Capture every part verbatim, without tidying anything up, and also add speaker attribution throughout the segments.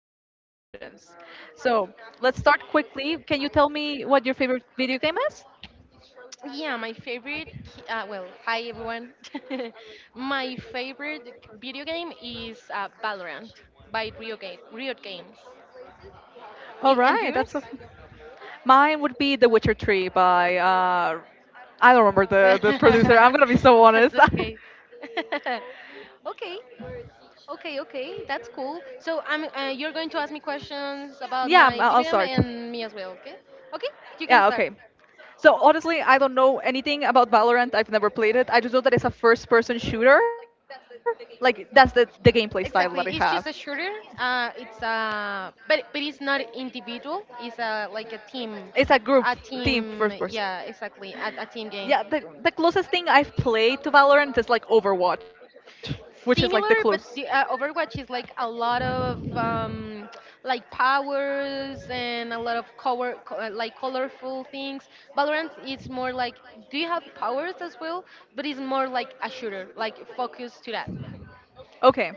Speaker 1: with different questions. So let's start quickly. Can you tell me what your favorite video game is?
Speaker 2: Yeah, my favorite. Ki- Uh, well, hi everyone. My favorite video game is uh, Valorant by Riot, game, Riot Games.
Speaker 1: All
Speaker 2: Y- And
Speaker 1: right,
Speaker 2: yours?
Speaker 1: that's a. Mine would be The Witcher three by uh, I don't remember the, the producer. I'm gonna be so
Speaker 2: That's
Speaker 1: honest.
Speaker 2: okay. Okay, okay, okay. That's cool. So I'm. Uh, you're going to ask me questions about
Speaker 1: Yeah,
Speaker 2: my
Speaker 1: I'll I'll
Speaker 2: video game
Speaker 1: start.
Speaker 2: and me as well. Okay. Okay. You can
Speaker 1: Yeah,
Speaker 2: start.
Speaker 1: okay. So honestly, I don't know anything about Valorant. I've never played it. I just know that it's a first-person shooter. Like that's the the gameplay style that it has.
Speaker 2: Exactly, it's just a shooter. Uh, it's a but but it's not individual. It's a like a team,
Speaker 1: It's a group
Speaker 2: a
Speaker 1: team
Speaker 2: team.
Speaker 1: first person.
Speaker 2: Yeah, exactly, a, a team game.
Speaker 1: Yeah, the the closest thing I've played to Valorant is like Overwatch, which is like the close.
Speaker 2: Similar, but the uh, Overwatch is like a lot of um, like powers and a lot of color, co- uh, like colorful things. Valorant is more like, do you have powers as well? But it's more like a shooter, like focus to that.
Speaker 1: Okay.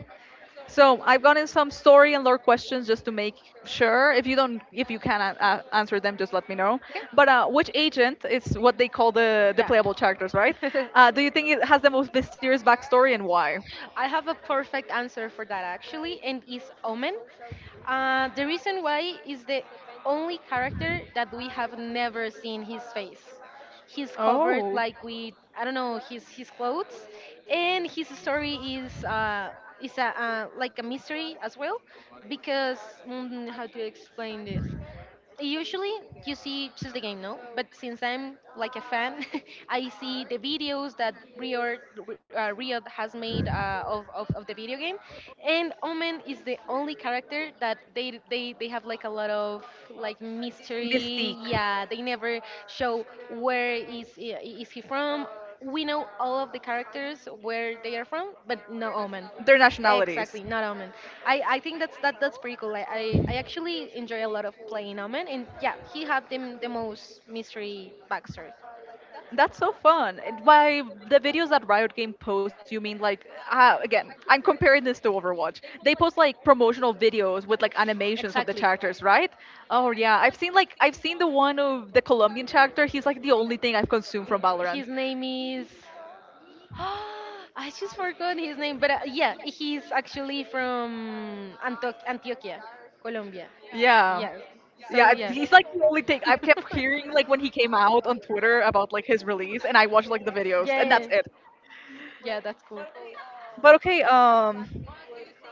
Speaker 1: So I've gotten some story and lore questions just to make sure. If you don't, if you can uh, answer them, just let me know.
Speaker 2: Okay?
Speaker 1: But uh, which agent is what they call the the
Speaker 2: Yeah.
Speaker 1: playable characters, right?
Speaker 2: um,
Speaker 1: Uh, do you think it has the most mysterious backstory and why?
Speaker 2: I have a perfect answer for that actually, and it's Omen. Uh, the reason why is the only character that we have never seen his face. He's covered
Speaker 1: Oh.
Speaker 2: like with I don't know his his clothes, and his story is uh, is a, uh, like a mystery as well because, mm, how do you explain this? Usually you see just the game, no, but since I'm like a fan I see the videos that riot uh, Riot has made uh, of, of, of the video game, and Omen is the only character that they, they they have like a lot of like mystery.
Speaker 1: Mystique.
Speaker 2: Yeah, they never show, where is is he from? We know all of the characters where they are from, but no Omen.
Speaker 1: Their nationalities.
Speaker 2: Exactly, not Omen. I, I think that's that that's pretty cool. I, I, I actually enjoy a lot of playing Omen, and yeah, he had the the most mystery backstory.
Speaker 1: That's so fun. And by the videos that Riot Game posts, you mean like uh, again, I'm comparing this to Overwatch. They post like promotional videos with like animations of the
Speaker 2: Exactly.
Speaker 1: characters, right? Oh yeah, I've seen like I've seen the one of the Colombian character. He's like the only thing I've consumed from
Speaker 2: His
Speaker 1: Valorant.
Speaker 2: name is. I just forgot his name, but uh, yeah, he's actually from Anto- Antioquia, Colombia.
Speaker 1: Yeah.
Speaker 2: Yes. So
Speaker 1: Yeah, I-
Speaker 2: yeah.
Speaker 1: he's like the only thing I've kept hearing like when he came out on Twitter about like his release, and I watched like the videos, and that's
Speaker 2: Yes.
Speaker 1: it.
Speaker 2: Yeah, that's cool.
Speaker 1: But okay, um,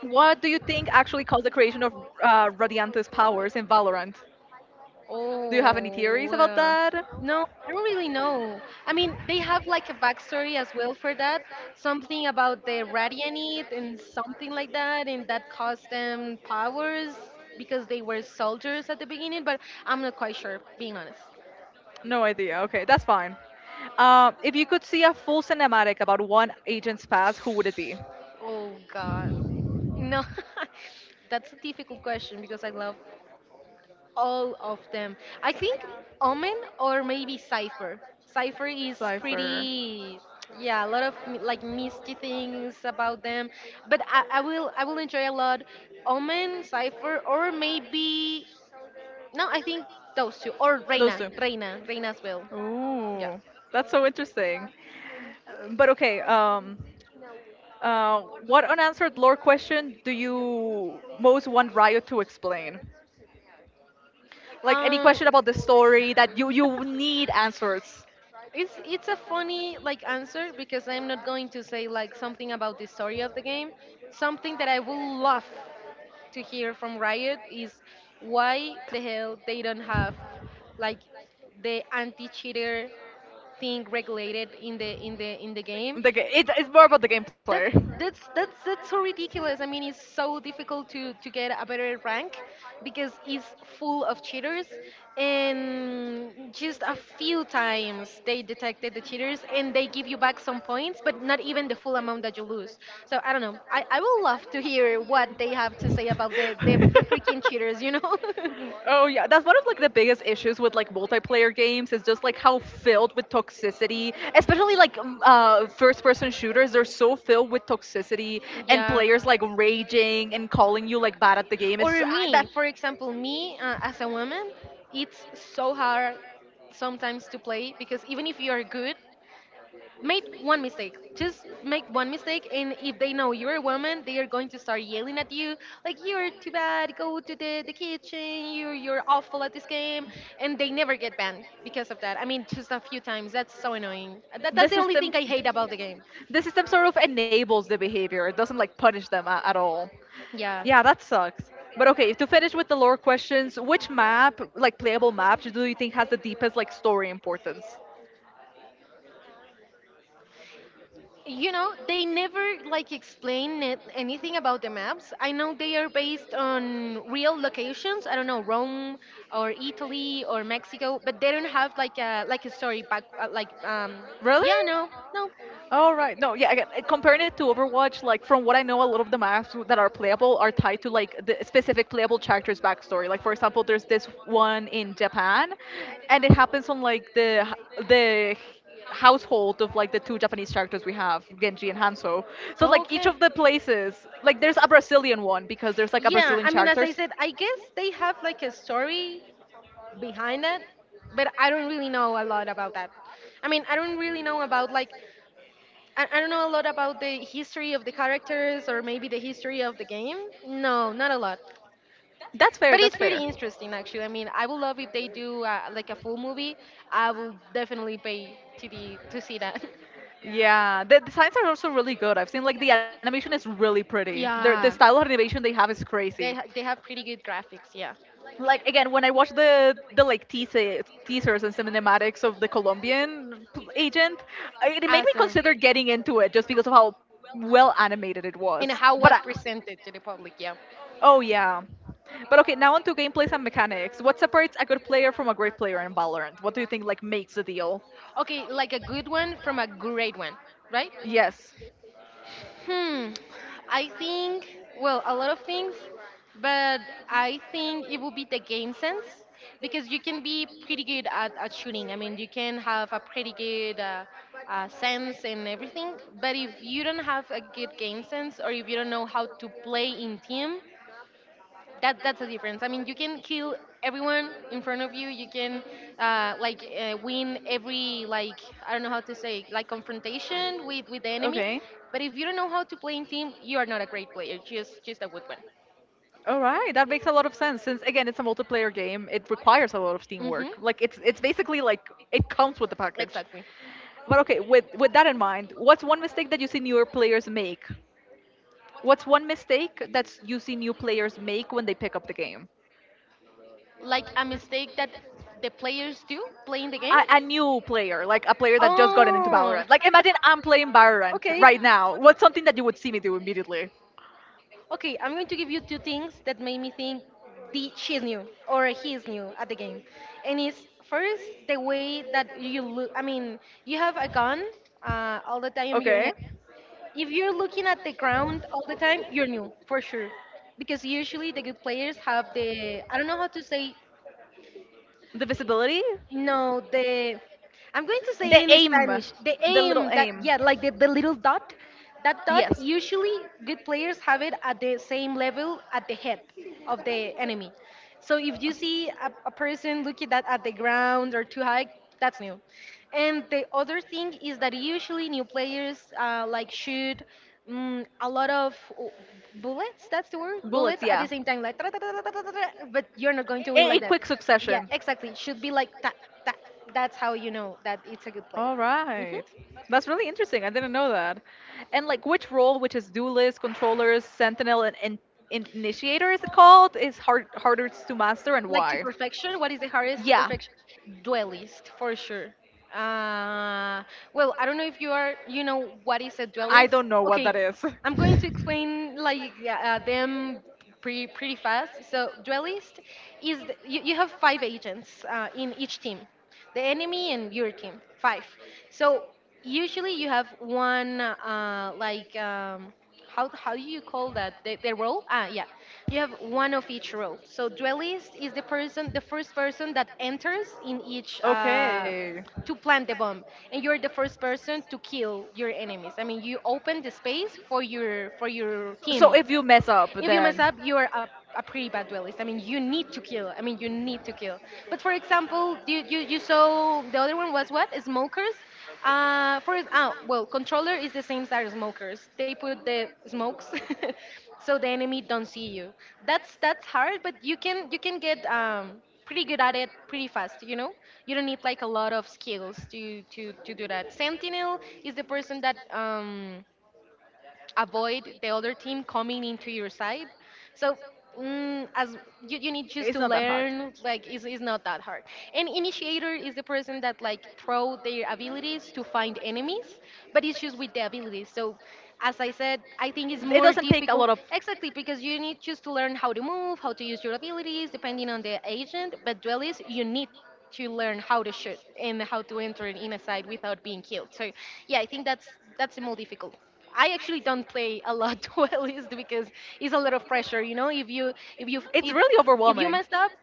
Speaker 1: what do you think actually caused the creation of uh, Radiante's powers in Valorant? Do you
Speaker 2: Oh,
Speaker 1: have any theories
Speaker 2: well.
Speaker 1: about
Speaker 2: No,
Speaker 1: that?
Speaker 2: I don't really know. I mean, they have like a backstory as well for that. Something about the Radianite and something like that, and that caused them powers because they were soldiers at the beginning, but I'm not quite sure, being honest.
Speaker 1: No idea. Okay, that's fine. Uh, if you could see a full cinematic about one agent's past, who would it be?
Speaker 2: Oh, God. No, that's a difficult question because I love all of them. I think Omen or maybe Cipher. Cipher is
Speaker 1: Cipher.
Speaker 2: pretty, yeah, a lot of m- like misty things about them. But I, I will I will enjoy a lot Omen, Cipher, or maybe no, I think those two or
Speaker 1: Those
Speaker 2: Reina,
Speaker 1: two.
Speaker 2: Reina, Reina as well. Yeah.
Speaker 1: Ooh, that's so interesting. Uh, But okay, um, Uh, what unanswered lore question do you most want Riot to explain? Like any
Speaker 2: Um.
Speaker 1: question about the story that you you need answers.
Speaker 2: It's it's a funny like answer because I'm not going to say like something about the story of the game, something that I will love to hear from Riot is why the hell they don't have like the anti-cheater thing regulated in the in the in the game.
Speaker 1: The ga- it, it's more about the gameplay.
Speaker 2: that that's that's that's so ridiculous. I mean, it's so difficult to to get a better rank because it's full of cheaters, and just a few times they detected the cheaters and they give you back some points, but not even the full amount that you lose. So I don't know. I I would love to hear what they have to say about the the, the freaking cheaters, you know.
Speaker 1: Oh yeah, that's one of like the biggest issues with like multiplayer games is just like how filled with toxicity, especially like um, uh, first-person shooters. They're so filled with toxicity and
Speaker 2: Yeah.
Speaker 1: players like raging and calling you like bad at the game. It's uh,
Speaker 2: Or me,
Speaker 1: that
Speaker 2: for example, me uh, as a woman, it's so hard sometimes to play because even if you are good, make one mistake. Just make one mistake, and if they know you're a woman, they are going to start yelling at you, like, you're too bad. Go to the, the kitchen. You're you're awful at this game, and they never get banned because of that. I mean, just a few times. That's so annoying. That,
Speaker 1: the
Speaker 2: that's the only thing
Speaker 1: system
Speaker 2: I hate about the game.
Speaker 1: The system sort of enables the behavior. It doesn't like punish them a- at all.
Speaker 2: Yeah.
Speaker 1: Yeah, that sucks. But okay, to finish with the lore questions, which map, like playable map, do you think has the deepest like story importance?
Speaker 2: You know, they never like explain it, anything about the maps. I know they are based on real locations, I don't know, Rome or Italy or Mexico, but they don't have like a like a story back uh, like um
Speaker 1: Really?
Speaker 2: Yeah, no, no.
Speaker 1: All right. No, yeah. Again, uh, comparing it to Overwatch, like from what I know, a lot of the maps w- that are playable are tied to like the specific playable character's backstory. Like for example, there's this one in Japan, and it happens on like the h- the household of like the two Japanese characters we have, Genji and Hanzo. So like each
Speaker 2: Okay.
Speaker 1: of the places, like there's a Brazilian one because there's like a
Speaker 2: Yeah,
Speaker 1: Brazilian
Speaker 2: I mean, as I
Speaker 1: characters.
Speaker 2: said, I guess they have like a story behind it, but I don't really know a lot about that. I mean, I don't really know about like, I, I don't know a lot about the history of the characters or maybe the history of the game. No, not a lot,
Speaker 1: That's fair,
Speaker 2: but
Speaker 1: that's
Speaker 2: it's pretty interesting actually. I mean, I would love if they do uh, like a full movie. I will definitely pay to the to see that.
Speaker 1: that. Yeah, the designs are also really good. I've seen like the animation is really pretty. Their the
Speaker 2: Yeah,
Speaker 1: style of animation they have is crazy.
Speaker 2: they ha- they have pretty good graphics. Yeah,
Speaker 1: Like again when I watched the the like teaser, teasers and cinematics of the Colombian p- agent, I- it made me
Speaker 2: awesome,
Speaker 1: consider getting into it just because of how well animated it
Speaker 2: and
Speaker 1: was,
Speaker 2: how
Speaker 1: but I,
Speaker 2: was presented to the public. Yeah,
Speaker 1: oh yeah. But okay, now onto gameplays and mechanics, what separates a good player from a great player in Valorant? What do you think like makes the deal?
Speaker 2: okay, like a good one from a great one, right?
Speaker 1: Yes.
Speaker 2: Hmm. I think, well, a lot of things, but I think it would be the game sense, because you can be pretty good at, at shooting. I mean, you can have a pretty good uh, uh, sense and everything, but if you don't have a good game sense or if you don't know how to play in team, that that's the difference. I mean, you can kill everyone in front of you. You can uh, like uh, win every like, I don't know how to say, like confrontation with with the enemy. But if you don't know how to play in team, you are not a great player. Just just a good one.
Speaker 1: All right, that makes a lot of sense. Since again, it's a multiplayer game, it requires a lot of teamwork.
Speaker 2: Hmm.
Speaker 1: Like it's it's basically like it comes with the package.
Speaker 2: Exactly.
Speaker 1: But okay, with with that in mind, what's one mistake that you see newer players make? What's one mistake that you see new players make when they pick up the game?
Speaker 2: Like a mistake that the players do playing the game.
Speaker 1: a, a new player, like a player that just gotten into
Speaker 2: Oh.
Speaker 1: Valorant. Like imagine I'm playing Valorant
Speaker 2: Okay.
Speaker 1: right now. What's something that you would see me do immediately?
Speaker 2: Okay, I'm going to give you two things that made me think the, she's new or he's new at the game. And it's first the way that you look. I mean, you have a gun uh, all the time in your
Speaker 1: Okay.
Speaker 2: head. If you're looking at the ground all the time, you're new for sure. Because usually the good players have the, I don't know how to say,
Speaker 1: The visibility?
Speaker 2: no, the, I'm going to say it
Speaker 1: The
Speaker 2: in
Speaker 1: aim,
Speaker 2: Spanish. The
Speaker 1: the little
Speaker 2: aim, that,
Speaker 1: aim.
Speaker 2: yeah, like the, the little dot. That dot
Speaker 1: Yes.
Speaker 2: usually good players have it at the same level at the head of the enemy. So if you see a, a person looking that at the ground or too high, that's new. And the other thing is that usually new players uh, like shoot, mm, a lot of w- bullets. That's the word,
Speaker 1: Bullets,
Speaker 2: bullets at the
Speaker 1: yeah.
Speaker 2: same time, like tra- tra- tra- tra- tra- tra- tra, but you're not going to win
Speaker 1: In,
Speaker 2: like
Speaker 1: in
Speaker 2: that.
Speaker 1: quick
Speaker 2: Yeah,
Speaker 1: succession.
Speaker 2: exactly. It should be like that. That that's how you know that it's a good player.
Speaker 1: All
Speaker 2: Hmm.
Speaker 1: right. That's really interesting. I didn't know that. And like which role, which is duelist, controllers, sentinel, and, and initiator is it called, is hard harder to master and
Speaker 2: Like to
Speaker 1: why?
Speaker 2: perfection. What is the hardest to perfection? Duelist for sure. Uh, well, I don't know if you are. You know what is a
Speaker 1: I
Speaker 2: duelist?
Speaker 1: don't know what
Speaker 2: Okay,
Speaker 1: that is.
Speaker 2: I'm going to explain like, yeah, uh, them pretty pretty fast. So duelist is the, you, you have five agents uh, in each team, the enemy and your team, five. So usually you have one uh, like um, how how do you call that, the, the role? Ah, yeah, you have one of each role. So duelist is the person, the first person that enters in each. Uh,
Speaker 1: Okay.
Speaker 2: to plant the bomb, and you're the first person to kill your enemies. I mean, you open the space for your for your
Speaker 1: So
Speaker 2: team.
Speaker 1: if you mess up, if you
Speaker 2: If you mess up,
Speaker 1: then.
Speaker 2: you are a, a pretty bad duelist. I mean, you need to kill. I mean, you need to kill. But for example, you, you, you saw the other one was what? Smokers. Uh, for ah, well, controller is the same as smokers. They put the smokes, so the enemy don't see you. That's that's hard, but you can you can get um, pretty good at it pretty fast. You know, you don't need like a lot of skills to to to do that. Sentinel is the person that um, avoid the other team coming into your side. So, mm, as you, you need just
Speaker 1: It's
Speaker 2: to
Speaker 1: not that hard.
Speaker 2: learn, like it's, it's not that hard. An initiator is the person that like throw their abilities to find enemies, but it's just with the abilities. So as I said, I think it's
Speaker 1: It
Speaker 2: more
Speaker 1: doesn't take a
Speaker 2: difficult
Speaker 1: lot of.
Speaker 2: exactly because you need just to learn how to move, how to use your abilities, depending on the agent. But duelist, you need to learn how to shoot and how to enter an inner side without being killed. So yeah, I think that's that's the more difficult. I actually don't play a lot duelist because it's a lot of pressure. You know, if you if you
Speaker 1: It's
Speaker 2: if
Speaker 1: really
Speaker 2: if you
Speaker 1: overwhelming.
Speaker 2: messed up,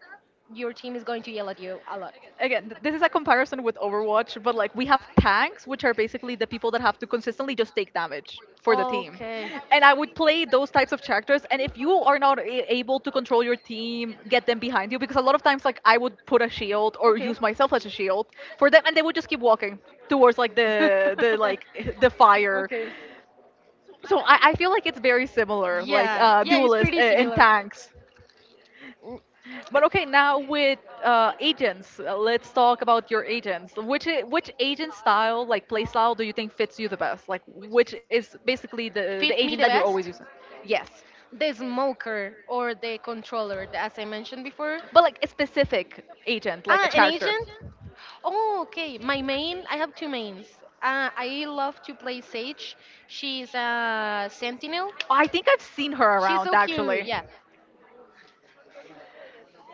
Speaker 2: your team is going to yell at you a lot.
Speaker 1: Again th- this is a comparison with Overwatch, but like we have tanks, which are basically the people that have to consistently just take damage for the team,
Speaker 2: Okay.
Speaker 1: and I would play those types of characters. And if you are not a- able to control your team, get them behind you, because a lot of times like I would put a shield or
Speaker 2: Okay.
Speaker 1: use myself as a shield for them, and they would just keep walking towards like the the
Speaker 2: Okay.
Speaker 1: like the fire.
Speaker 2: Okay.
Speaker 1: So i, I feel like it's very similar like
Speaker 2: Yeah,
Speaker 1: uh
Speaker 2: yeah, it's
Speaker 1: duelist uh,
Speaker 2: pretty
Speaker 1: and
Speaker 2: similar.
Speaker 1: tanks.
Speaker 2: Mm,
Speaker 1: But okay, now with uh, agents, uh, let's talk about your agents. Which I- which agent style, like play style, do you think fits you the best? Like which is basically the the
Speaker 2: Fit me the
Speaker 1: agent that you're
Speaker 2: best?
Speaker 1: always using? Yes,
Speaker 2: The smoker or the controller, the- as I mentioned before.
Speaker 1: but like a specific agent, like a
Speaker 2: Ah, an
Speaker 1: character.
Speaker 2: agent? Oh, okay. My main, I have two mains. Uh, I love to play Sage. She's a sentinel.
Speaker 1: I think I've seen her
Speaker 2: She's
Speaker 1: around
Speaker 2: so cute,
Speaker 1: actually.
Speaker 2: yeah.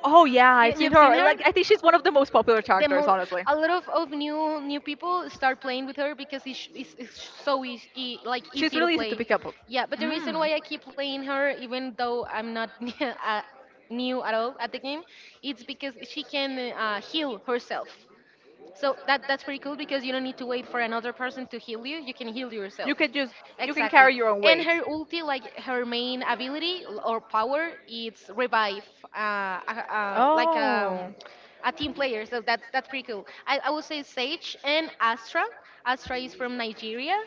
Speaker 1: Oh yeah,
Speaker 2: Y-
Speaker 1: I've seen
Speaker 2: You've seen
Speaker 1: her.
Speaker 2: her?
Speaker 1: Like I think she's one of the most popular
Speaker 2: The
Speaker 1: characters,
Speaker 2: mo-
Speaker 1: honestly.
Speaker 2: a lot of, of new new people start playing with her because it's, it's, it's so easy e- like
Speaker 1: She's
Speaker 2: easy to
Speaker 1: really easy
Speaker 2: play.
Speaker 1: to pick up.
Speaker 2: Yeah, but the reason
Speaker 1: Mm.
Speaker 2: why I keep playing her, even though I'm not uh, new at all at the game, it's because she can uh, heal herself. So that that's pretty cool because you don't need to wait for another person to heal you. You can heal yourself.
Speaker 1: You can just you can
Speaker 2: Exactly.
Speaker 1: carry your own
Speaker 2: And
Speaker 1: weight.
Speaker 2: her ulti, like her main ability l- or power, it's revive. Uh, uh, uh, like um,
Speaker 1: Oh.
Speaker 2: a team player. So that's that's pretty cool. I, I would say Sage and Astra. Astra is from Nigeria,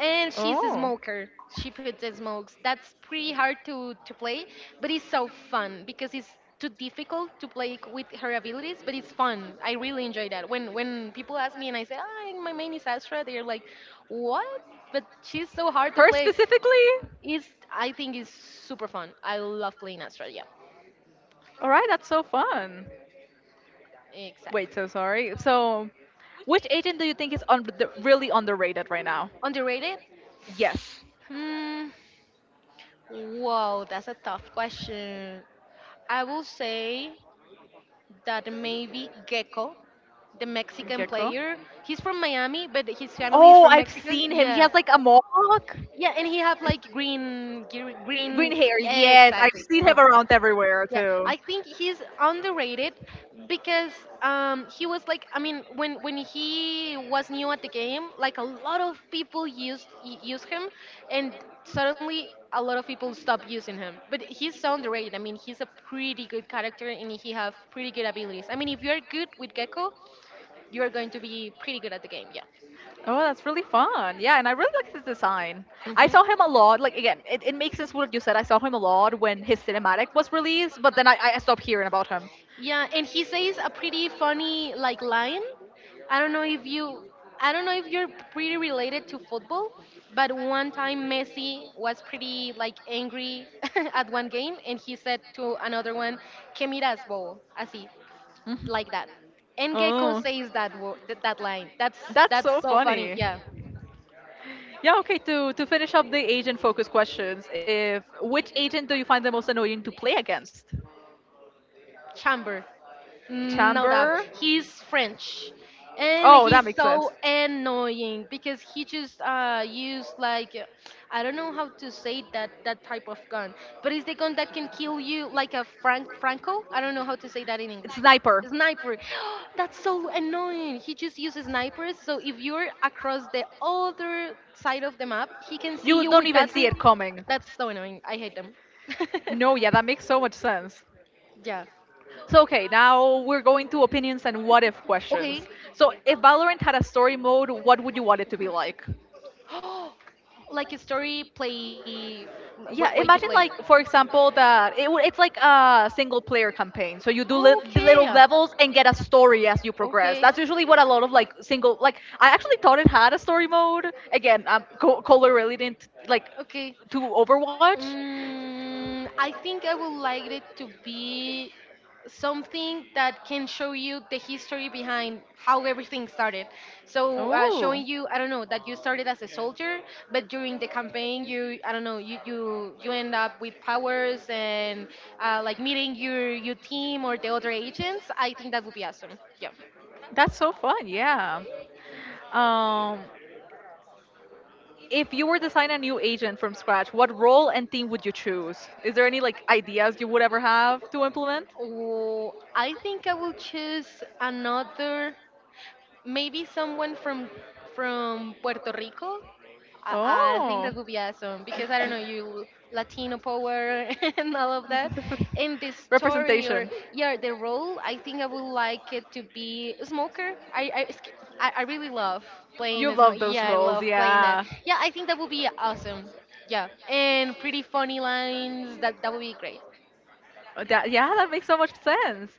Speaker 2: and she's a
Speaker 1: Oh.
Speaker 2: smoker. She puts the smokes. That's pretty hard to to play, but it's so fun because it's too difficult to play c- with her abilities, but it's fun. I really enjoy that. When when people ask me and I say, "Ah, my main is Astra," they're like, "What?" But she's so hard to
Speaker 1: Her
Speaker 2: play.
Speaker 1: specifically?
Speaker 2: Is I think is super fun. I love playing Astra. Yeah,
Speaker 1: All right, that's so fun.
Speaker 2: exactly.
Speaker 1: Wait, so sorry. So, which agent do you think is on really underrated right now?
Speaker 2: Underrated.
Speaker 1: Yes.
Speaker 2: Hmm. Whoa, that's a tough question. I will say that maybe Gecko, the Mexican
Speaker 1: Gecko.
Speaker 2: player. He's from Miami, but his family is
Speaker 1: Oh,
Speaker 2: from
Speaker 1: I've
Speaker 2: Mexico.
Speaker 1: seen him. He
Speaker 2: Yeah,
Speaker 1: has like a mohawk.
Speaker 2: yeah, and he have like green, gr- green.
Speaker 1: Green hair,
Speaker 2: Yeah,
Speaker 1: yes. I've
Speaker 2: exactly.
Speaker 1: seen him around everywhere
Speaker 2: Yeah,
Speaker 1: too.
Speaker 2: I think he's underrated because um, he was like, I mean, when when he was new at the game, like a lot of people used y- use him, and suddenly a lot of people stopped using him. But he's so underrated. I mean, he's a pretty good character, and he have pretty good abilities. I mean, if you're good with Gecko, you are going to be pretty good at the game. Yeah.
Speaker 1: Oh, that's really fun. Yeah, and I really like his design. I
Speaker 2: hmm
Speaker 1: saw him a lot. Like again, it, it makes sense what you said. I saw him a lot when his cinematic was released, but then I, I stopped hearing about him.
Speaker 2: Yeah, and he says a pretty funny like line. I don't know if you I don't know if you're pretty related to football, but one time Messi was pretty like angry at one game and he said to another one, "Que miras, bobo?" Así,
Speaker 1: Mhm.
Speaker 2: like that. And Gecko
Speaker 1: Oh.
Speaker 2: says that word, that that line. That's
Speaker 1: That's
Speaker 2: that's
Speaker 1: so
Speaker 2: so funny.
Speaker 1: funny.
Speaker 2: Yeah.
Speaker 1: Yeah, okay, to, to finish up the agent focus questions, if which agent do you find the most annoying to play against?
Speaker 2: Chamber. No doubt.
Speaker 1: Chamber.
Speaker 2: He's French. And
Speaker 1: Oh, that
Speaker 2: he's
Speaker 1: makes sense.
Speaker 2: so annoying because he just uh, used like uh, I don't know how to say that that type of gun, but it's the gun that can kill you like a Frank Franco. I don't know how to say that in English.
Speaker 1: Sniper.
Speaker 2: Sniper. That's so annoying. He just uses snipers. So if you're across the other side of the map, he can see
Speaker 1: You
Speaker 2: you
Speaker 1: don't
Speaker 2: with
Speaker 1: even
Speaker 2: that
Speaker 1: see
Speaker 2: thing.
Speaker 1: it coming.
Speaker 2: That's so annoying. I hate them.
Speaker 1: No, yeah, that makes so much sense.
Speaker 2: yeah.
Speaker 1: So okay, now we're going to opinions and what if questions.
Speaker 2: Okay.
Speaker 1: So if Valorant had a story mode, what would you want it to be like?
Speaker 2: Like a story play, way, way
Speaker 1: Yeah,
Speaker 2: to play.
Speaker 1: imagine like for example that it, w- it's like a single player campaign. So you do li-
Speaker 2: Okay.
Speaker 1: little levels and get a story as you progress.
Speaker 2: Okay.
Speaker 1: That's usually what a lot of like single like I actually thought it had a story mode. Again, I'm co- color related like
Speaker 2: Okay.
Speaker 1: to Overwatch.
Speaker 2: Mm, I think I would like it to be something that can show you the history behind how everything started. So uh, showing you, I don't know, that you started as a soldier, but during the campaign, you, I don't know, you you you end up with powers and uh, like meeting your your team or the other agents. I think that would be awesome. Yeah.
Speaker 1: That's so fun, yeah. Um, if you were to sign a new agent from scratch, what role and team would you choose? Is there any like ideas you would ever have to implement?
Speaker 2: Oh, I think I will choose another. Maybe someone from from Puerto Rico. I, I think that
Speaker 1: Oh.
Speaker 2: would be awesome because I don't know you Latino power and all of that. And the story or
Speaker 1: Representation.
Speaker 2: yeah the role I think I would like it to be a smoker. I I, it's- I I really love playing
Speaker 1: You
Speaker 2: as
Speaker 1: love those
Speaker 2: yeah I
Speaker 1: roles,
Speaker 2: love playing that.
Speaker 1: yeah.
Speaker 2: Yeah I think that would be awesome. Yeah and pretty funny lines that that would be great.
Speaker 1: Oh, that, yeah, that makes so much sense.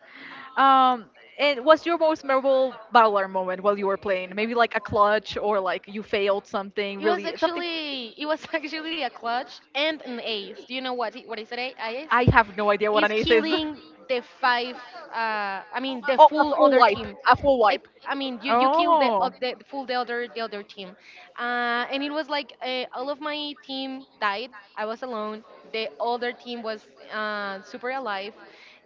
Speaker 1: Um, and what's your most memorable battler moment while you were playing? Maybe like a clutch or like you failed
Speaker 2: It
Speaker 1: something
Speaker 2: was
Speaker 1: really something.
Speaker 2: actually it was actually a clutch and an ace. Do you know what it- what is an a- ace?
Speaker 1: I have no idea what
Speaker 2: Is
Speaker 1: an ace is.
Speaker 2: killing the five. Uh, I mean the
Speaker 1: Oh, a
Speaker 2: full
Speaker 1: full
Speaker 2: other
Speaker 1: wipe,
Speaker 2: team.
Speaker 1: a full
Speaker 2: It,
Speaker 1: wipe.
Speaker 2: I mean you you kill the, o-
Speaker 1: Oh.
Speaker 2: the full the other the other team, uh, and it was like uh, all of my team died. I was alone. The other team was uh, super alive,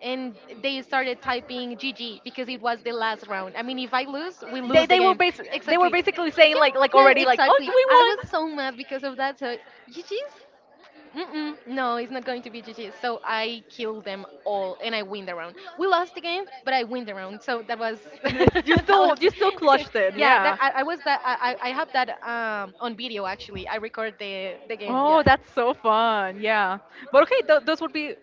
Speaker 2: and they started typing G G because it was the last round. I mean, if I lose, we
Speaker 1: They
Speaker 2: lose the
Speaker 1: they were
Speaker 2: game.
Speaker 1: bas- they were
Speaker 2: Exactly.
Speaker 1: basically saying like like
Speaker 2: Yeah, yeah,
Speaker 1: already like oh
Speaker 2: exactly.
Speaker 1: we
Speaker 2: I
Speaker 1: won.
Speaker 2: was so mad because of that. So G G's? Mm-mm. No, it's not going to be G G's. So I killed them all, and I win the round. We lost the game, but I win the round. So that was that
Speaker 1: You
Speaker 2: was
Speaker 1: still you still
Speaker 2: good.
Speaker 1: clutched
Speaker 2: yeah.
Speaker 1: it,
Speaker 2: That I, I
Speaker 1: yeah.
Speaker 2: was that I I I have that um on video actually. I record the the game. Yeah.
Speaker 1: Oh, that's so fun. Yeah. But okay, th- those would be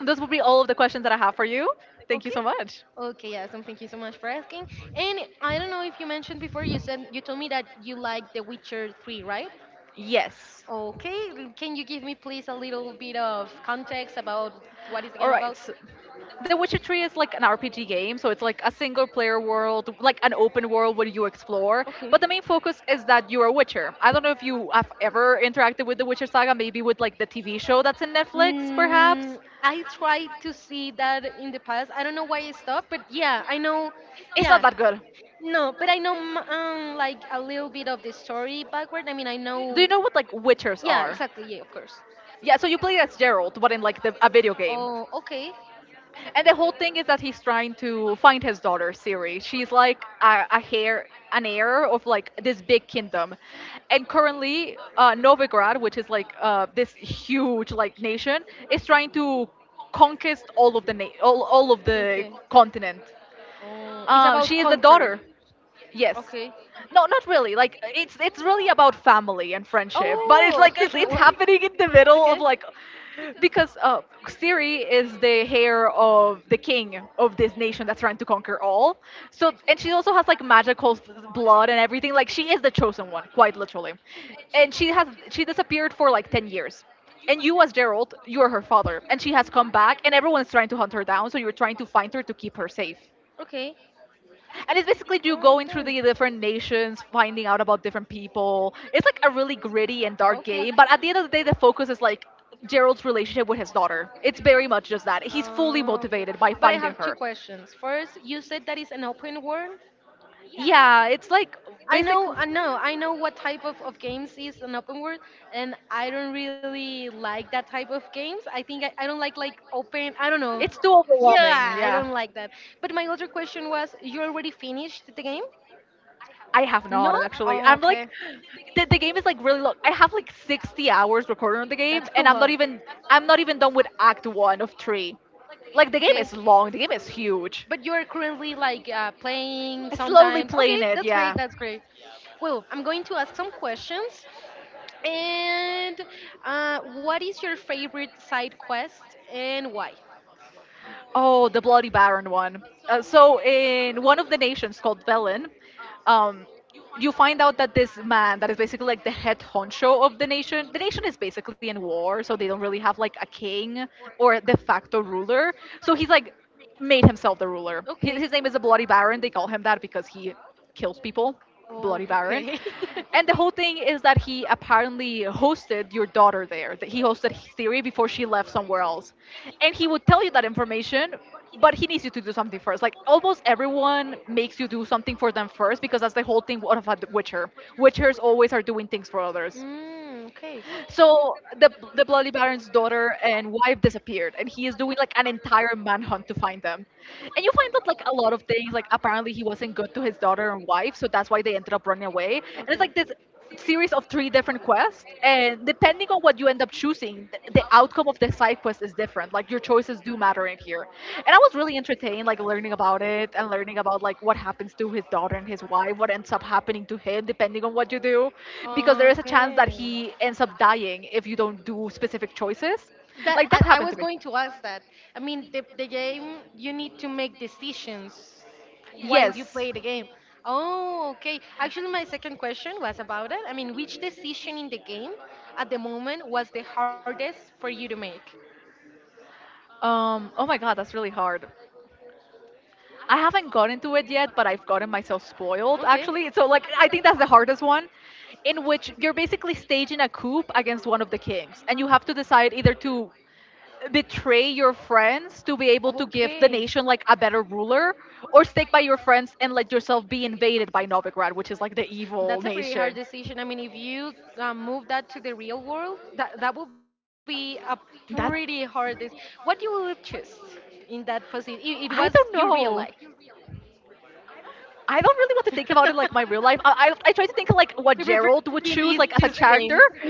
Speaker 1: those would be all of the questions that I have for you. Thank you
Speaker 2: Okay.
Speaker 1: so much.
Speaker 2: Okay, yeah, so thank you so much for asking. And I don't know if you mentioned before, you said you told me that you like The Witcher three, right?
Speaker 1: Yes.
Speaker 2: Okay, l- can you give me please a little bit of context about what is the
Speaker 1: All
Speaker 2: game
Speaker 1: right.
Speaker 2: about?
Speaker 1: So the Witcher three is like an R P G game, so it's like a single player world, like an open world where you explore.
Speaker 2: Okay.
Speaker 1: But the main focus is that you're a Witcher. I don't know if you have ever interacted with the Witcher saga, maybe with like the T V show that's in Netflix, perhaps.
Speaker 2: Mm, I tried to see that in the past. I don't know why I stopped, but yeah, I know.
Speaker 1: It's not
Speaker 2: Yeah,
Speaker 1: that good.
Speaker 2: no, but I know m- um like a little bit of the story backward. I mean, I
Speaker 1: Do you
Speaker 2: know.
Speaker 1: know what like Witchers
Speaker 2: Yeah,
Speaker 1: are?
Speaker 2: exactly. Yeah, of course.
Speaker 1: Yeah, so you play as Geralt, but in like the, a video game.
Speaker 2: Oh, okay.
Speaker 1: And the whole thing is that he's trying to find his daughter, Siri. She's like a, a hair, an heir of like this big kingdom, and currently uh, Novigrad, which is like uh, this huge like nation, is trying to conquest all of the na- all, all of the
Speaker 2: Okay.
Speaker 1: continent.
Speaker 2: Oh, it's
Speaker 1: Um, she
Speaker 2: about
Speaker 1: is the
Speaker 2: conquer.
Speaker 1: daughter. Yes.
Speaker 2: Okay.
Speaker 1: No, not really. Like it's it's really about family and friendship, but it's
Speaker 2: Oh.
Speaker 1: like it's, it's
Speaker 2: what?
Speaker 1: happening in the middle of
Speaker 2: Okay.
Speaker 1: like because uh Siri is the heir of the king of this nation that's trying to conquer all. So and she also has like magical f- blood and everything. Like she is the chosen one, quite literally. And she has she disappeared for like ten years. And you as Gerald, you are her father, and she has come back and everyone is trying to hunt her down, so you're trying to find her to keep her safe,
Speaker 2: Okay.
Speaker 1: and it's basically you
Speaker 2: Yeah,
Speaker 1: going through
Speaker 2: okay.
Speaker 1: the different nations, finding out about different people. It's like a really gritty and dark
Speaker 2: Okay.
Speaker 1: game, but at the end of the day, the focus is like Gerald's relationship with his daughter. It's very much just that. He's fully
Speaker 2: Oh, okay.
Speaker 1: motivated by
Speaker 2: But I
Speaker 1: finding
Speaker 2: have two
Speaker 1: her.
Speaker 2: questions. First, you said that it's an open world.
Speaker 1: Yeah, it's like
Speaker 2: I know,
Speaker 1: basically.
Speaker 2: I know, I know what type of, of games is an open world, and I don't really like that type of games. I think I, I don't like like open. I don't know.
Speaker 1: It's too overwhelming.
Speaker 2: Yeah, I
Speaker 1: Yeah.
Speaker 2: don't like that. But my other question was, you already finished the game?
Speaker 1: I have not
Speaker 2: No?
Speaker 1: actually.
Speaker 2: Oh,
Speaker 1: I'm like,
Speaker 2: okay.
Speaker 1: the, the game is like really long. I have like sixty hours recorded on the
Speaker 2: That's
Speaker 1: game,
Speaker 2: a
Speaker 1: and I'm
Speaker 2: lot.
Speaker 1: not even I'm not even done with Act One of three. Like the game
Speaker 2: Okay.
Speaker 1: is long. The game is huge.
Speaker 2: But you're currently like uh, playing
Speaker 1: I slowly
Speaker 2: sometimes. Okay,
Speaker 1: playing it.
Speaker 2: that's great.
Speaker 1: Yeah.
Speaker 2: That's great. Well, I'm going to ask some questions. And uh, what is your favorite side quest and why?
Speaker 1: Oh, the Bloody Baron one. Uh, so in one of the nations called Velen, um, you find out that this man that is basically like the head honcho of the nation the nation is basically in war, so they don't really have like a king or a de facto ruler, so he's like made himself the ruler.
Speaker 2: Know.
Speaker 1: His,
Speaker 2: Okay.
Speaker 1: his name is a Bloody Baron. They call him that because he kills people.
Speaker 2: Oh,
Speaker 1: Bloody Baron.
Speaker 2: okay. And
Speaker 1: And the whole thing is that he apparently hosted your daughter there. That he hosted Siri before she left somewhere else. And he would tell you that information, but he needs you to do something first. Like almost everyone makes you do something for them first because that's the whole thing of a Witcher. Witchers always are doing things for others.
Speaker 2: mm, okay.
Speaker 1: So the the Bloody Baron's daughter and wife disappeared, and he is doing like an entire manhunt to find them. And you find out like a lot of things. Like apparently he wasn't good to his daughter and wife, so that's why they ended up running away. And it's like this series of three different quests, and depending on what you end up choosing, th- the outcome of the side quest is different. Like your choices do matter in here. And I was really entertained, like learning about it and learning about like what happens to his daughter and his wife, what ends up happening to him depending on what you do, because there
Speaker 2: Okay.
Speaker 1: is a chance that
Speaker 2: Okay.
Speaker 1: he ends up dying if you don't do specific choices.
Speaker 2: that
Speaker 1: Like
Speaker 2: I,
Speaker 1: that
Speaker 2: I
Speaker 1: happened
Speaker 2: was
Speaker 1: to me.
Speaker 2: going to ask that. I mean, the, the game you need to make decisions while you
Speaker 1: Yes.
Speaker 2: play the game. Oh, okay. Actually, my second question was about it. I mean, which decision in the game at the moment was the hardest for you to make?
Speaker 1: Um, oh my god, that's really hard. I haven't gotten to it yet, but I've gotten myself spoiled
Speaker 2: Okay.
Speaker 1: actually. So like
Speaker 2: Okay.
Speaker 1: I think that's the hardest one in which you're basically staging a coup against one of the kings, and you have to decide either to betray your friends to be able to give the nation like a better ruler, or stick by your friends and let yourself be invaded by Novigrad, which is like the evil
Speaker 2: That's a pretty hard
Speaker 1: nation.
Speaker 2: decision. I mean, if you uh, move that to the real world, that that would be a
Speaker 1: That
Speaker 2: pretty hard. This. What you would choose in that position?
Speaker 1: I don't
Speaker 2: It, it was
Speaker 1: know.
Speaker 2: your real life.
Speaker 1: I don't really want to think about it like my real life. I, I, I try to think of, like what
Speaker 2: to
Speaker 1: Gerald
Speaker 2: reverse
Speaker 1: would choose like as
Speaker 2: thinking
Speaker 1: a
Speaker 2: is just a
Speaker 1: character.
Speaker 2: game.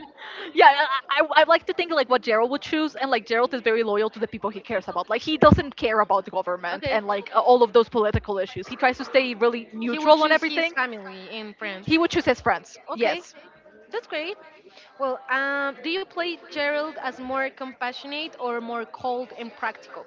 Speaker 1: Yeah, I, I, I like to think like what Gerald would choose, and like Gerald is very loyal to the people he cares about. Like he doesn't care about the government and
Speaker 2: Okay.
Speaker 1: like uh, all of those political issues. He tries to stay really
Speaker 2: He will
Speaker 1: neutral on
Speaker 2: choose his
Speaker 1: everything.
Speaker 2: family and friends.
Speaker 1: He would choose his friends.
Speaker 2: Okay.
Speaker 1: Yes.
Speaker 2: That's great. Well, um, do you play Gerald as more compassionate or more cold and practical?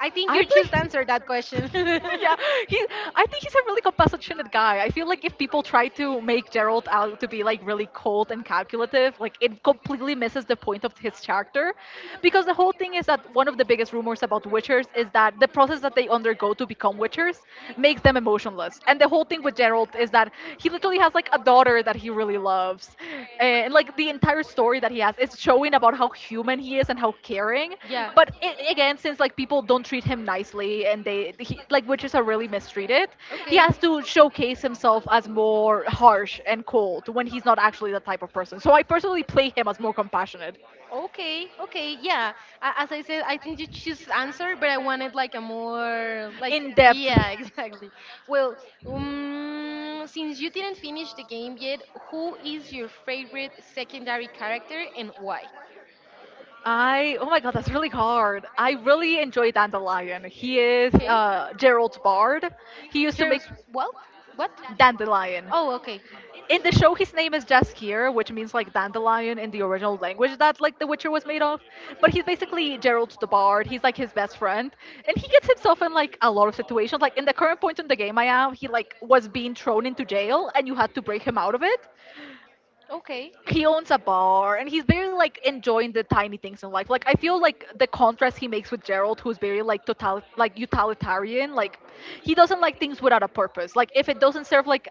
Speaker 2: I think
Speaker 1: I
Speaker 2: you choose to
Speaker 1: believe.
Speaker 2: answer that question.
Speaker 1: Yeah, he. I think he's a really compassionate guy. I feel like if people try to make Gerald out to be like really cold and calculative, like it completely misses the point of his character, because the whole thing is that one of the biggest rumors about Witchers is that the process that they undergo to become Witchers makes them emotionless, and the whole thing with Gerald is that he literally has like a daughter that he really loves, and like the entire story that he has is showing about how human he is and how caring,
Speaker 2: Yeah.
Speaker 1: but it, again, since like people don't treat him nicely and they he, like witches are really mistreated, he
Speaker 2: Okay.
Speaker 1: has to showcase himself as more harsh and cold when he's not actually that type of person, so I personally play him as more compassionate
Speaker 2: Okay, okay, yeah. A- As I said, I think you choose answer, but I wanted like a more like
Speaker 1: in depth.
Speaker 2: yeah, exactly. Well, um, since you didn't finish the game yet, who is your favorite secondary character and why?
Speaker 1: I oh my god, that's really hard. I really enjoy Dandelion. He is
Speaker 2: Okay.
Speaker 1: uh, Gerald Bard. He used to make
Speaker 2: Gerald's what? What?
Speaker 1: Dandelion.
Speaker 2: Oh, okay.
Speaker 1: In the show, his name is Jaskier, which means like dandelion in the original language that like The Witcher was made of. But he's basically Gerald the Bard. He's like his best friend, and he gets himself in like a lot of situations. Like in the current point in the game I am, he like was being thrown into jail, and you had to break him out of it.
Speaker 2: Okay.
Speaker 1: He owns a bar and he's very like enjoying the tiny things in life. Like I feel like the contrast he makes with Gerald, who's very like total like utilitarian, like he doesn't like things without a purpose, like if it doesn't serve like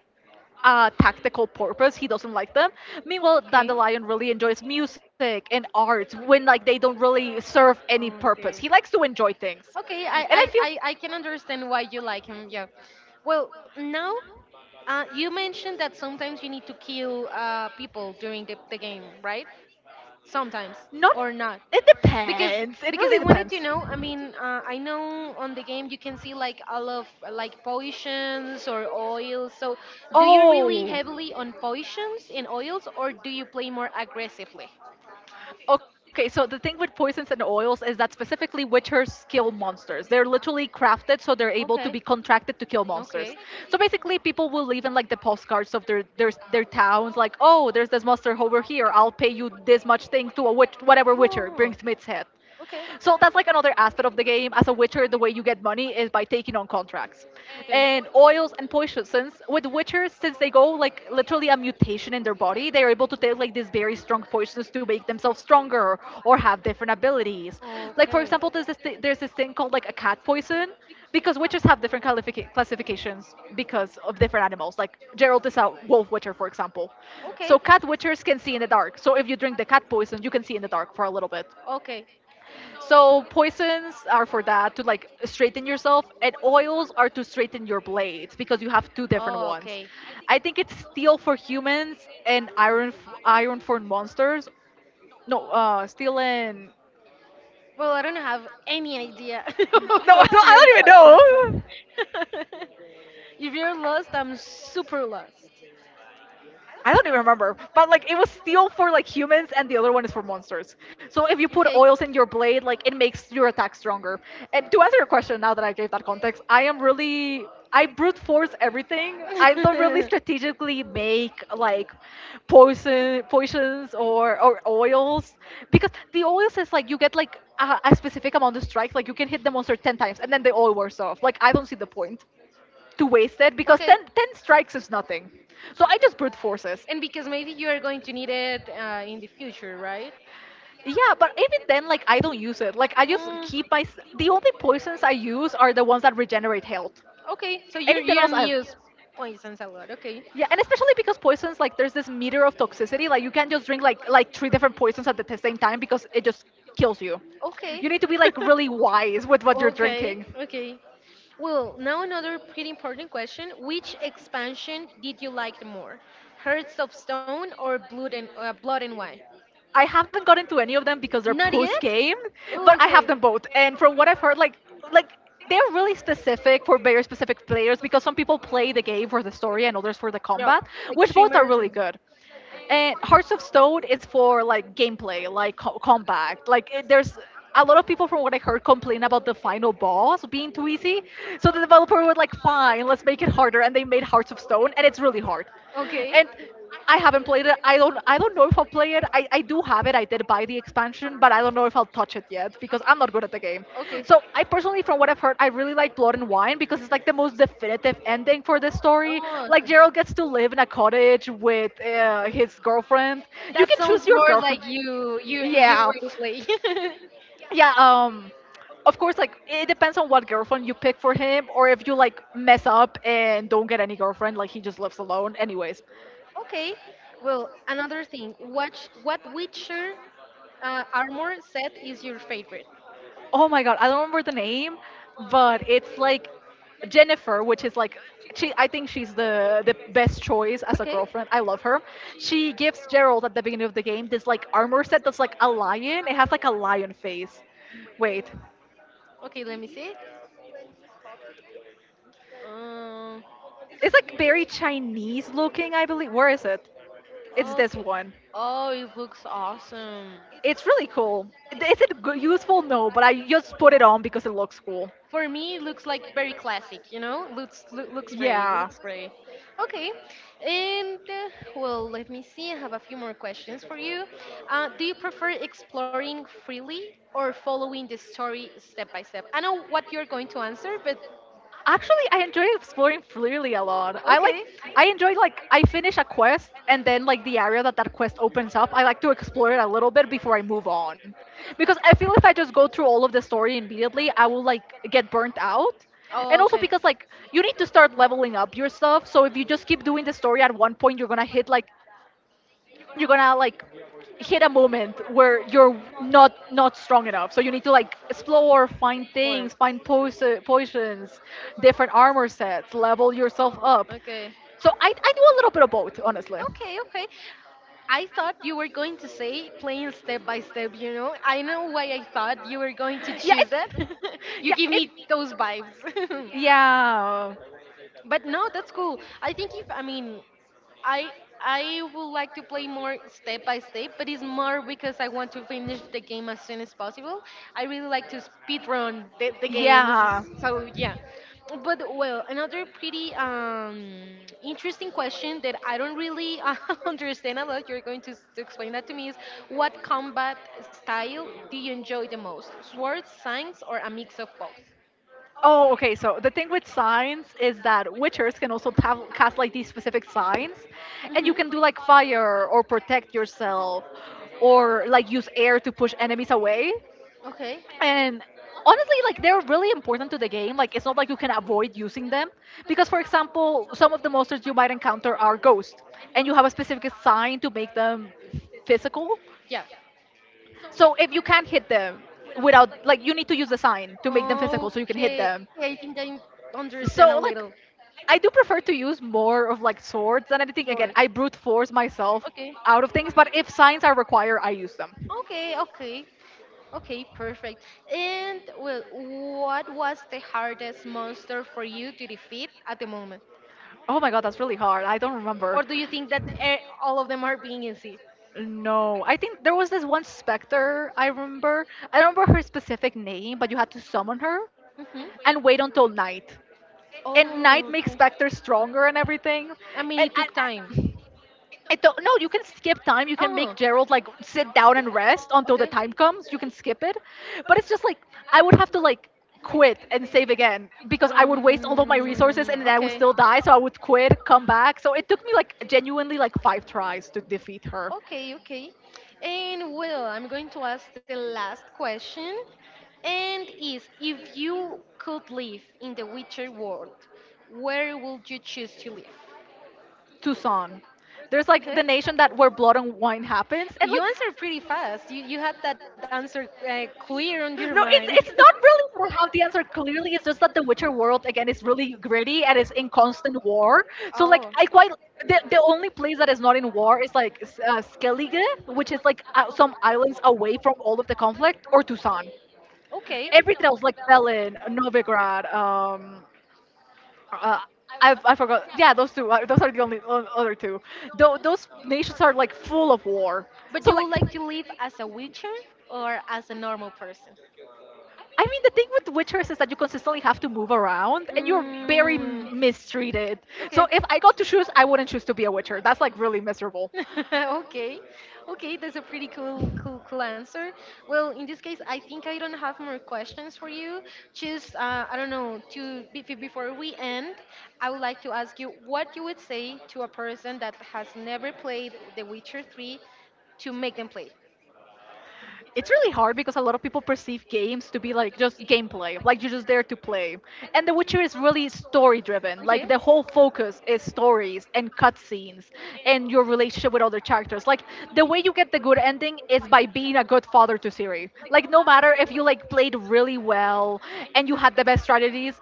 Speaker 1: uh, tactical purpose. He doesn't like them. Meanwhile,
Speaker 2: Okay.
Speaker 1: Dandelion really enjoys music and arts when like they don't really serve any purpose.
Speaker 2: Okay.
Speaker 1: He likes to enjoy things,
Speaker 2: Okay, I,
Speaker 1: and
Speaker 2: I,
Speaker 1: I feel.
Speaker 2: I, I can understand why you like him, yeah. Well, now uh, you mentioned that sometimes you need to kill uh, people during the, the game, right? Sometimes
Speaker 1: Not.
Speaker 2: or not
Speaker 1: It
Speaker 2: because
Speaker 1: depends. It
Speaker 2: because I
Speaker 1: really
Speaker 2: wanted
Speaker 1: depends.
Speaker 2: to know I mean uh, I know on the game you can see like all of uh, like potions or oils so do you really
Speaker 1: Oh.
Speaker 2: heavily on potions and oils or do you play more aggressively
Speaker 1: Okay, so the thing with poisons and oils is that specifically witchers kill monsters. They're literally crafted so they're able to be
Speaker 2: okay.
Speaker 1: contracted to kill monsters.
Speaker 2: Okay.
Speaker 1: So basically, people will leave in like the postcards of their their their towns, like, oh, there's this monster over here. I'll pay you this much thing to a witch, whatever witcher
Speaker 2: Oh,
Speaker 1: brings to its head.
Speaker 2: okay.
Speaker 1: So that's like another aspect of the game. As a Witcher, the way you get money is by taking on contracts.
Speaker 2: Okay.
Speaker 1: And oils and poisons, with Witchers, since they go like literally a mutation in their body, they are able to take like these very strong poisons to make themselves stronger or have different abilities. Like for example, there's this thi- there's this thing called like a cat poison. Because witches have different qualifica- classifications
Speaker 2: Okay.
Speaker 1: because of different animals. Like Gerald is a wolf witcher, for example.
Speaker 2: Okay.
Speaker 1: So cat witchers can see in the dark. So if you drink the cat poison, you can see in the dark for a little bit.
Speaker 2: Okay.
Speaker 1: So poisons are for that to like straighten yourself, and oils are to straighten your blades because you have two different
Speaker 2: Oh,
Speaker 1: ones.
Speaker 2: okay.
Speaker 1: I think it's steel for humans and iron f- iron for monsters. No, uh, steel and
Speaker 2: Well, I don't have any idea
Speaker 1: no,
Speaker 2: of
Speaker 1: no,
Speaker 2: what you're
Speaker 1: I
Speaker 2: talking about.
Speaker 1: don't even know.
Speaker 2: if you're lost, I'm super lost.
Speaker 1: I don't even remember, but like it was steel for like humans, and the other one is for monsters. So if you put oils in your blade, like it makes your attack stronger. And to answer your question, now that I gave that context, I am really I brute force everything. I don't really strategically make like poison potions or or oils because the oils is like you get like a, a specific amount of strikes. Like you can hit the monster ten times, and then the oil wears off. Like I don't see the point to waste it because
Speaker 2: Okay.
Speaker 1: ten
Speaker 2: okay.
Speaker 1: ten strikes is nothing. So I just brute forces.
Speaker 2: And because maybe you are going to need it uh, in the future, right?
Speaker 1: Yeah, but even then, like I don't use it. Like I just
Speaker 2: Mm.
Speaker 1: keep my. s- The only poisons I use are the ones that regenerate health.
Speaker 2: Okay, so your
Speaker 1: Anything
Speaker 2: your
Speaker 1: else, I
Speaker 2: news points and salad. Okay.
Speaker 1: yeah, and especially because poisons, like there's this meter of toxicity. Like you can't just drink like like three different poisons at the t- same time because it just kills you.
Speaker 2: Okay.
Speaker 1: You need to be like really wise with what you're
Speaker 2: okay.
Speaker 1: drinking.
Speaker 2: Okay. Well, now another pretty important question. Which expansion did you like the more? Hearts of Stone or Blood and uh, Blood and Wine?
Speaker 1: I haven't gotten to any of them because they're
Speaker 2: Not yet?
Speaker 1: post game,
Speaker 2: Oh,
Speaker 1: but I
Speaker 2: okay.
Speaker 1: have them both. And from what I've heard, like like they're really specific for very specific players because some people play the game for the story and others for the
Speaker 2: Yeah,
Speaker 1: combat,
Speaker 2: like
Speaker 1: which both are
Speaker 2: streamers
Speaker 1: really
Speaker 2: and
Speaker 1: good. And Hearts of Stone is for like gameplay, like co- combat. Like it, there's a lot of people from what I heard complain about the final boss being too easy. So the developer was like, "Fine, let's make it harder," and they made Hearts of Stone, and it's really hard.
Speaker 2: okay.
Speaker 1: And I haven't played it. I don't. I don't know I'll play it. I, I do have it. I did buy the expansion, but I don't know if I'll touch it yet because I'm not good at the game.
Speaker 2: Okay.
Speaker 1: So I personally, from what I've heard, I really like Blood and Wine because it's like the most definitive ending for this story.
Speaker 2: Oh,
Speaker 1: Like
Speaker 2: so
Speaker 1: Gerald gets to live in a cottage with uh, his girlfriend. You
Speaker 2: that
Speaker 1: can choose
Speaker 2: sounds
Speaker 1: your
Speaker 2: more like
Speaker 1: girlfriend.
Speaker 2: you you you're
Speaker 1: Yeah,
Speaker 2: ready to play.
Speaker 1: yeah. Um, of course, like it depends on what girlfriend you pick for him, or if you like mess up and don't get any girlfriend, like he just lives alone. Anyways,
Speaker 2: okay. Well, another thing. What what Witcher uh, armor set is your favorite?
Speaker 1: oh my god, I don't remember the name, but it's like Jennifer, which is like she I think she's the the best choice as a
Speaker 2: Okay.
Speaker 1: girlfriend. I love her. She gives Gerald at the beginning of the game this like armor set that's like a lion. It has like a lion face. Wait.
Speaker 2: Okay, let me see. Um,
Speaker 1: It's like very Chinese looking, I believe. Where is it? It's this
Speaker 2: Okay.
Speaker 1: one.
Speaker 2: Oh, it looks awesome.
Speaker 1: It's really cool. Is it g- useful? No, but I just put it on because it looks cool.
Speaker 2: For me, it looks like very classic, you know? Looks loo- looks great,
Speaker 1: Yeah.
Speaker 2: looks great. Okay, and uh, well, let me see. I have a few more questions for you. Uh, do you prefer exploring freely or following the story step by step? I know what you're going to answer, but
Speaker 1: Actually, I enjoy exploring freely a lot. I like I enjoy like I finish a quest, and then like the area that that quest opens up, I like to explore it a little bit before I move on, because I feel if I just go through all of the story immediately, I will like get burnt out.
Speaker 2: oh,
Speaker 1: And also
Speaker 2: okay.
Speaker 1: because like you need to start leveling up your stuff, so if you just keep doing the story, at one point you're gonna hit like you're gonna like hit a moment where you're not not strong enough, so you need to like explore, find
Speaker 2: Of
Speaker 1: things,
Speaker 2: course.
Speaker 1: find pos- uh, potions, different armor sets, level yourself up.
Speaker 2: Okay.
Speaker 1: So I, I do a little bit of both, honestly.
Speaker 2: Okay, okay. I thought you were going to say playing step by step, you know? I know why I thought you were going to
Speaker 1: yeah
Speaker 2: choose
Speaker 1: it's,
Speaker 2: that.
Speaker 1: yeah
Speaker 2: you give
Speaker 1: it,
Speaker 2: me those vibes.
Speaker 1: yeah,
Speaker 2: But no, that's cool. I think if I mean, I I would like to play more step by step, but it's more because I want to finish the game as soon as possible. I really like to speed run the, the
Speaker 1: yeah.
Speaker 2: games, so yeah. But well, another pretty um, interesting question that I don't really uh, understand a lot. You're going to, s- to explain that to me is what combat style do you enjoy the most? Swords, signs, or a mix of both?
Speaker 1: Oh, okay. So the thing with signs is that witchers can also tav- cast like these specific signs, and you
Speaker 2: Mhm.
Speaker 1: can do like fire or protect yourself, or like use air to push enemies away.
Speaker 2: Okay.
Speaker 1: And honestly, like they're really important to the game. Like it's not like you can avoid using them, because, for example, some of the monsters you might encounter are ghosts, and you have a specific sign to make them physical.
Speaker 2: Yeah.
Speaker 1: So if you can't hit them without, like, you need to use the sign to make them physical so you can hit
Speaker 2: Okay,
Speaker 1: them.
Speaker 2: I think I understand a
Speaker 1: So, like,
Speaker 2: little.
Speaker 1: I do prefer to use more of like swords than anything. Again,
Speaker 2: Swords.
Speaker 1: I brute force myself
Speaker 2: Okay.
Speaker 1: out of things, but if signs are required, I use them.
Speaker 2: Okay, okay. Okay, perfect. And well, what was the hardest monster for you to defeat at the moment?
Speaker 1: Oh my god, that's really hard. I don't remember.
Speaker 2: Or do you think that eh, all of them are being easy?
Speaker 1: No, I think there was this one specter I remember. I don't remember her specific name, but you had to summon her
Speaker 2: Hmm.
Speaker 1: and wait until night. And night
Speaker 2: Oh,
Speaker 1: makes
Speaker 2: okay.
Speaker 1: Spectre stronger and everything.
Speaker 2: I mean,
Speaker 1: And,
Speaker 2: it
Speaker 1: and,
Speaker 2: took time.
Speaker 1: and I don't, no, you can skip time. You can
Speaker 2: Oh.
Speaker 1: make Gerald like
Speaker 2: Okay.
Speaker 1: sit down and
Speaker 2: Um,
Speaker 1: rest
Speaker 2: okay.
Speaker 1: until the time comes. You can skip it, but it's just like I would have to like quit and save again, because I would waste all of my resources and then I would still die. So I would quit, come back. So it took me like genuinely like five tries to defeat her.
Speaker 2: Okay, okay. And well, I'm going to ask the last question. And is if you could live in the Witcher world, where would you choose to live?
Speaker 1: Tucson. There's like the
Speaker 2: Okay.
Speaker 1: nation that where Blood and Wine happens, and
Speaker 2: You
Speaker 1: like
Speaker 2: answered pretty fast. You you had that answer uh, clear on your
Speaker 1: no,
Speaker 2: mind.
Speaker 1: it's it's not really that I the answer clearly. It's just that the Witcher world again is really gritty and it's in constant war. So like
Speaker 2: Okay.
Speaker 1: I quite the, the only place that is not in war is like S- uh, Skellige, which is like uh, some islands away from all of the conflict, or Tucson. Everything else like Belin, Novigrad, um, uh, I, I forgot. Yeah, those two. uh, Those are the only o- other two. Tho- those nations are like full of war.
Speaker 2: But
Speaker 1: So
Speaker 2: you
Speaker 1: like,
Speaker 2: would like to live as a witcher or as a normal person?
Speaker 1: I mean, the thing with Witchers is that you consistently have to move around, and you're very
Speaker 2: Mm.
Speaker 1: m- mistreated. So
Speaker 2: Okay.
Speaker 1: if I got to choose, I wouldn't choose to be a Witcher. That's like really miserable.
Speaker 2: okay, okay, that's a pretty cool cool cool answer. Well in this case I think I don't have more questions for you just uh, I don't know to be- be- before we end I would like to ask you what you would say to a person that has never played the witcher three to make them play
Speaker 1: It's really hard because a lot of people perceive games to be like just gameplay, like you're just there to play. And The Witcher is really story driven. Like the whole focus is stories and cutscenes and your relationship with other characters. Like the way you get the good ending is by being a good father to Ciri. Like no matter if you like played really well and you had the best strategies,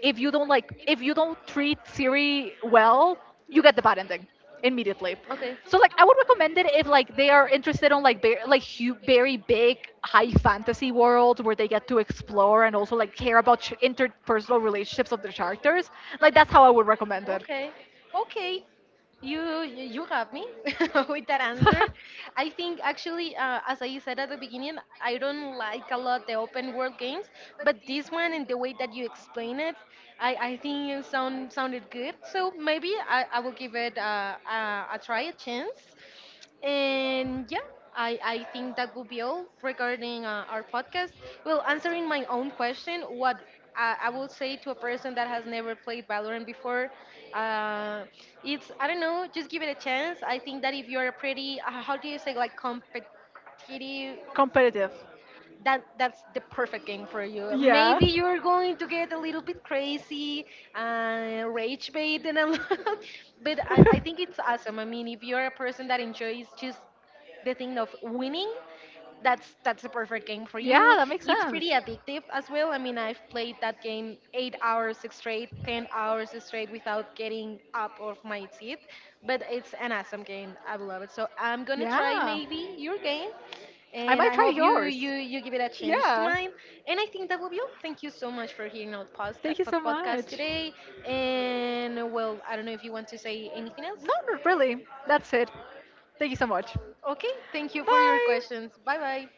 Speaker 1: if you don't like if you don't treat Siri well, you get the bad ending immediately.
Speaker 2: okay.
Speaker 1: So like I would recommend it if like they are interested on like very, like hu- very big high fantasy worlds where they get to explore and also like care about ch- interpersonal relationships of their characters. Like that's how I would recommend it.
Speaker 2: Okay. You you got me with that answer. I think actually, uh, as I said at the beginning, I don't like a lot the open world games, but this one and the way that you explain it, I, I think it sound sounded good. So maybe I, I will give it uh, uh, a try, a chance.
Speaker 1: And yeah, I I think that guilt regarding like because
Speaker 2: And yeah, I, I think that would be all regarding uh, our podcast. Well, answering my own question, what I, I would say to a person that has never played Valorant before, uh, it's, I don't know, just give it a chance. I think that if you're a pretty, uh,
Speaker 1: you
Speaker 2: how do you say, like competitive
Speaker 1: competitive? Competitive. When
Speaker 2: that that's the perfect game for you.
Speaker 1: yeah.
Speaker 2: Maybe you're going to get a little bit crazy and rage bait and a lot, but I, I think it's awesome. I mean, if you're a person that enjoys just the thing of winning, that's that's a perfect game for
Speaker 1: Yeah,
Speaker 2: you.
Speaker 1: that makes
Speaker 2: It's
Speaker 1: sense.
Speaker 2: pretty addictive as well. I mean, I've played that game eight hours straight, ten hours straight without getting up off my seat. But it's an awesome game. I love it. So I'm gonna try
Speaker 1: Yeah.
Speaker 2: maybe your game,
Speaker 1: I
Speaker 2: and
Speaker 1: might
Speaker 2: I
Speaker 1: try
Speaker 2: hope you you
Speaker 1: yours.
Speaker 2: you give it a chance to
Speaker 1: Yeah.
Speaker 2: mine. And I think that will be all. Thank you so much for hearing our podcast
Speaker 1: Thank you
Speaker 2: for
Speaker 1: so
Speaker 2: podcast
Speaker 1: much.
Speaker 2: today. And well, I don't know if you want to say anything else.
Speaker 1: No, not really. That's it. Thank you so much.
Speaker 2: Okay, thank you for your
Speaker 1: Bye.
Speaker 2: questions. Bye bye.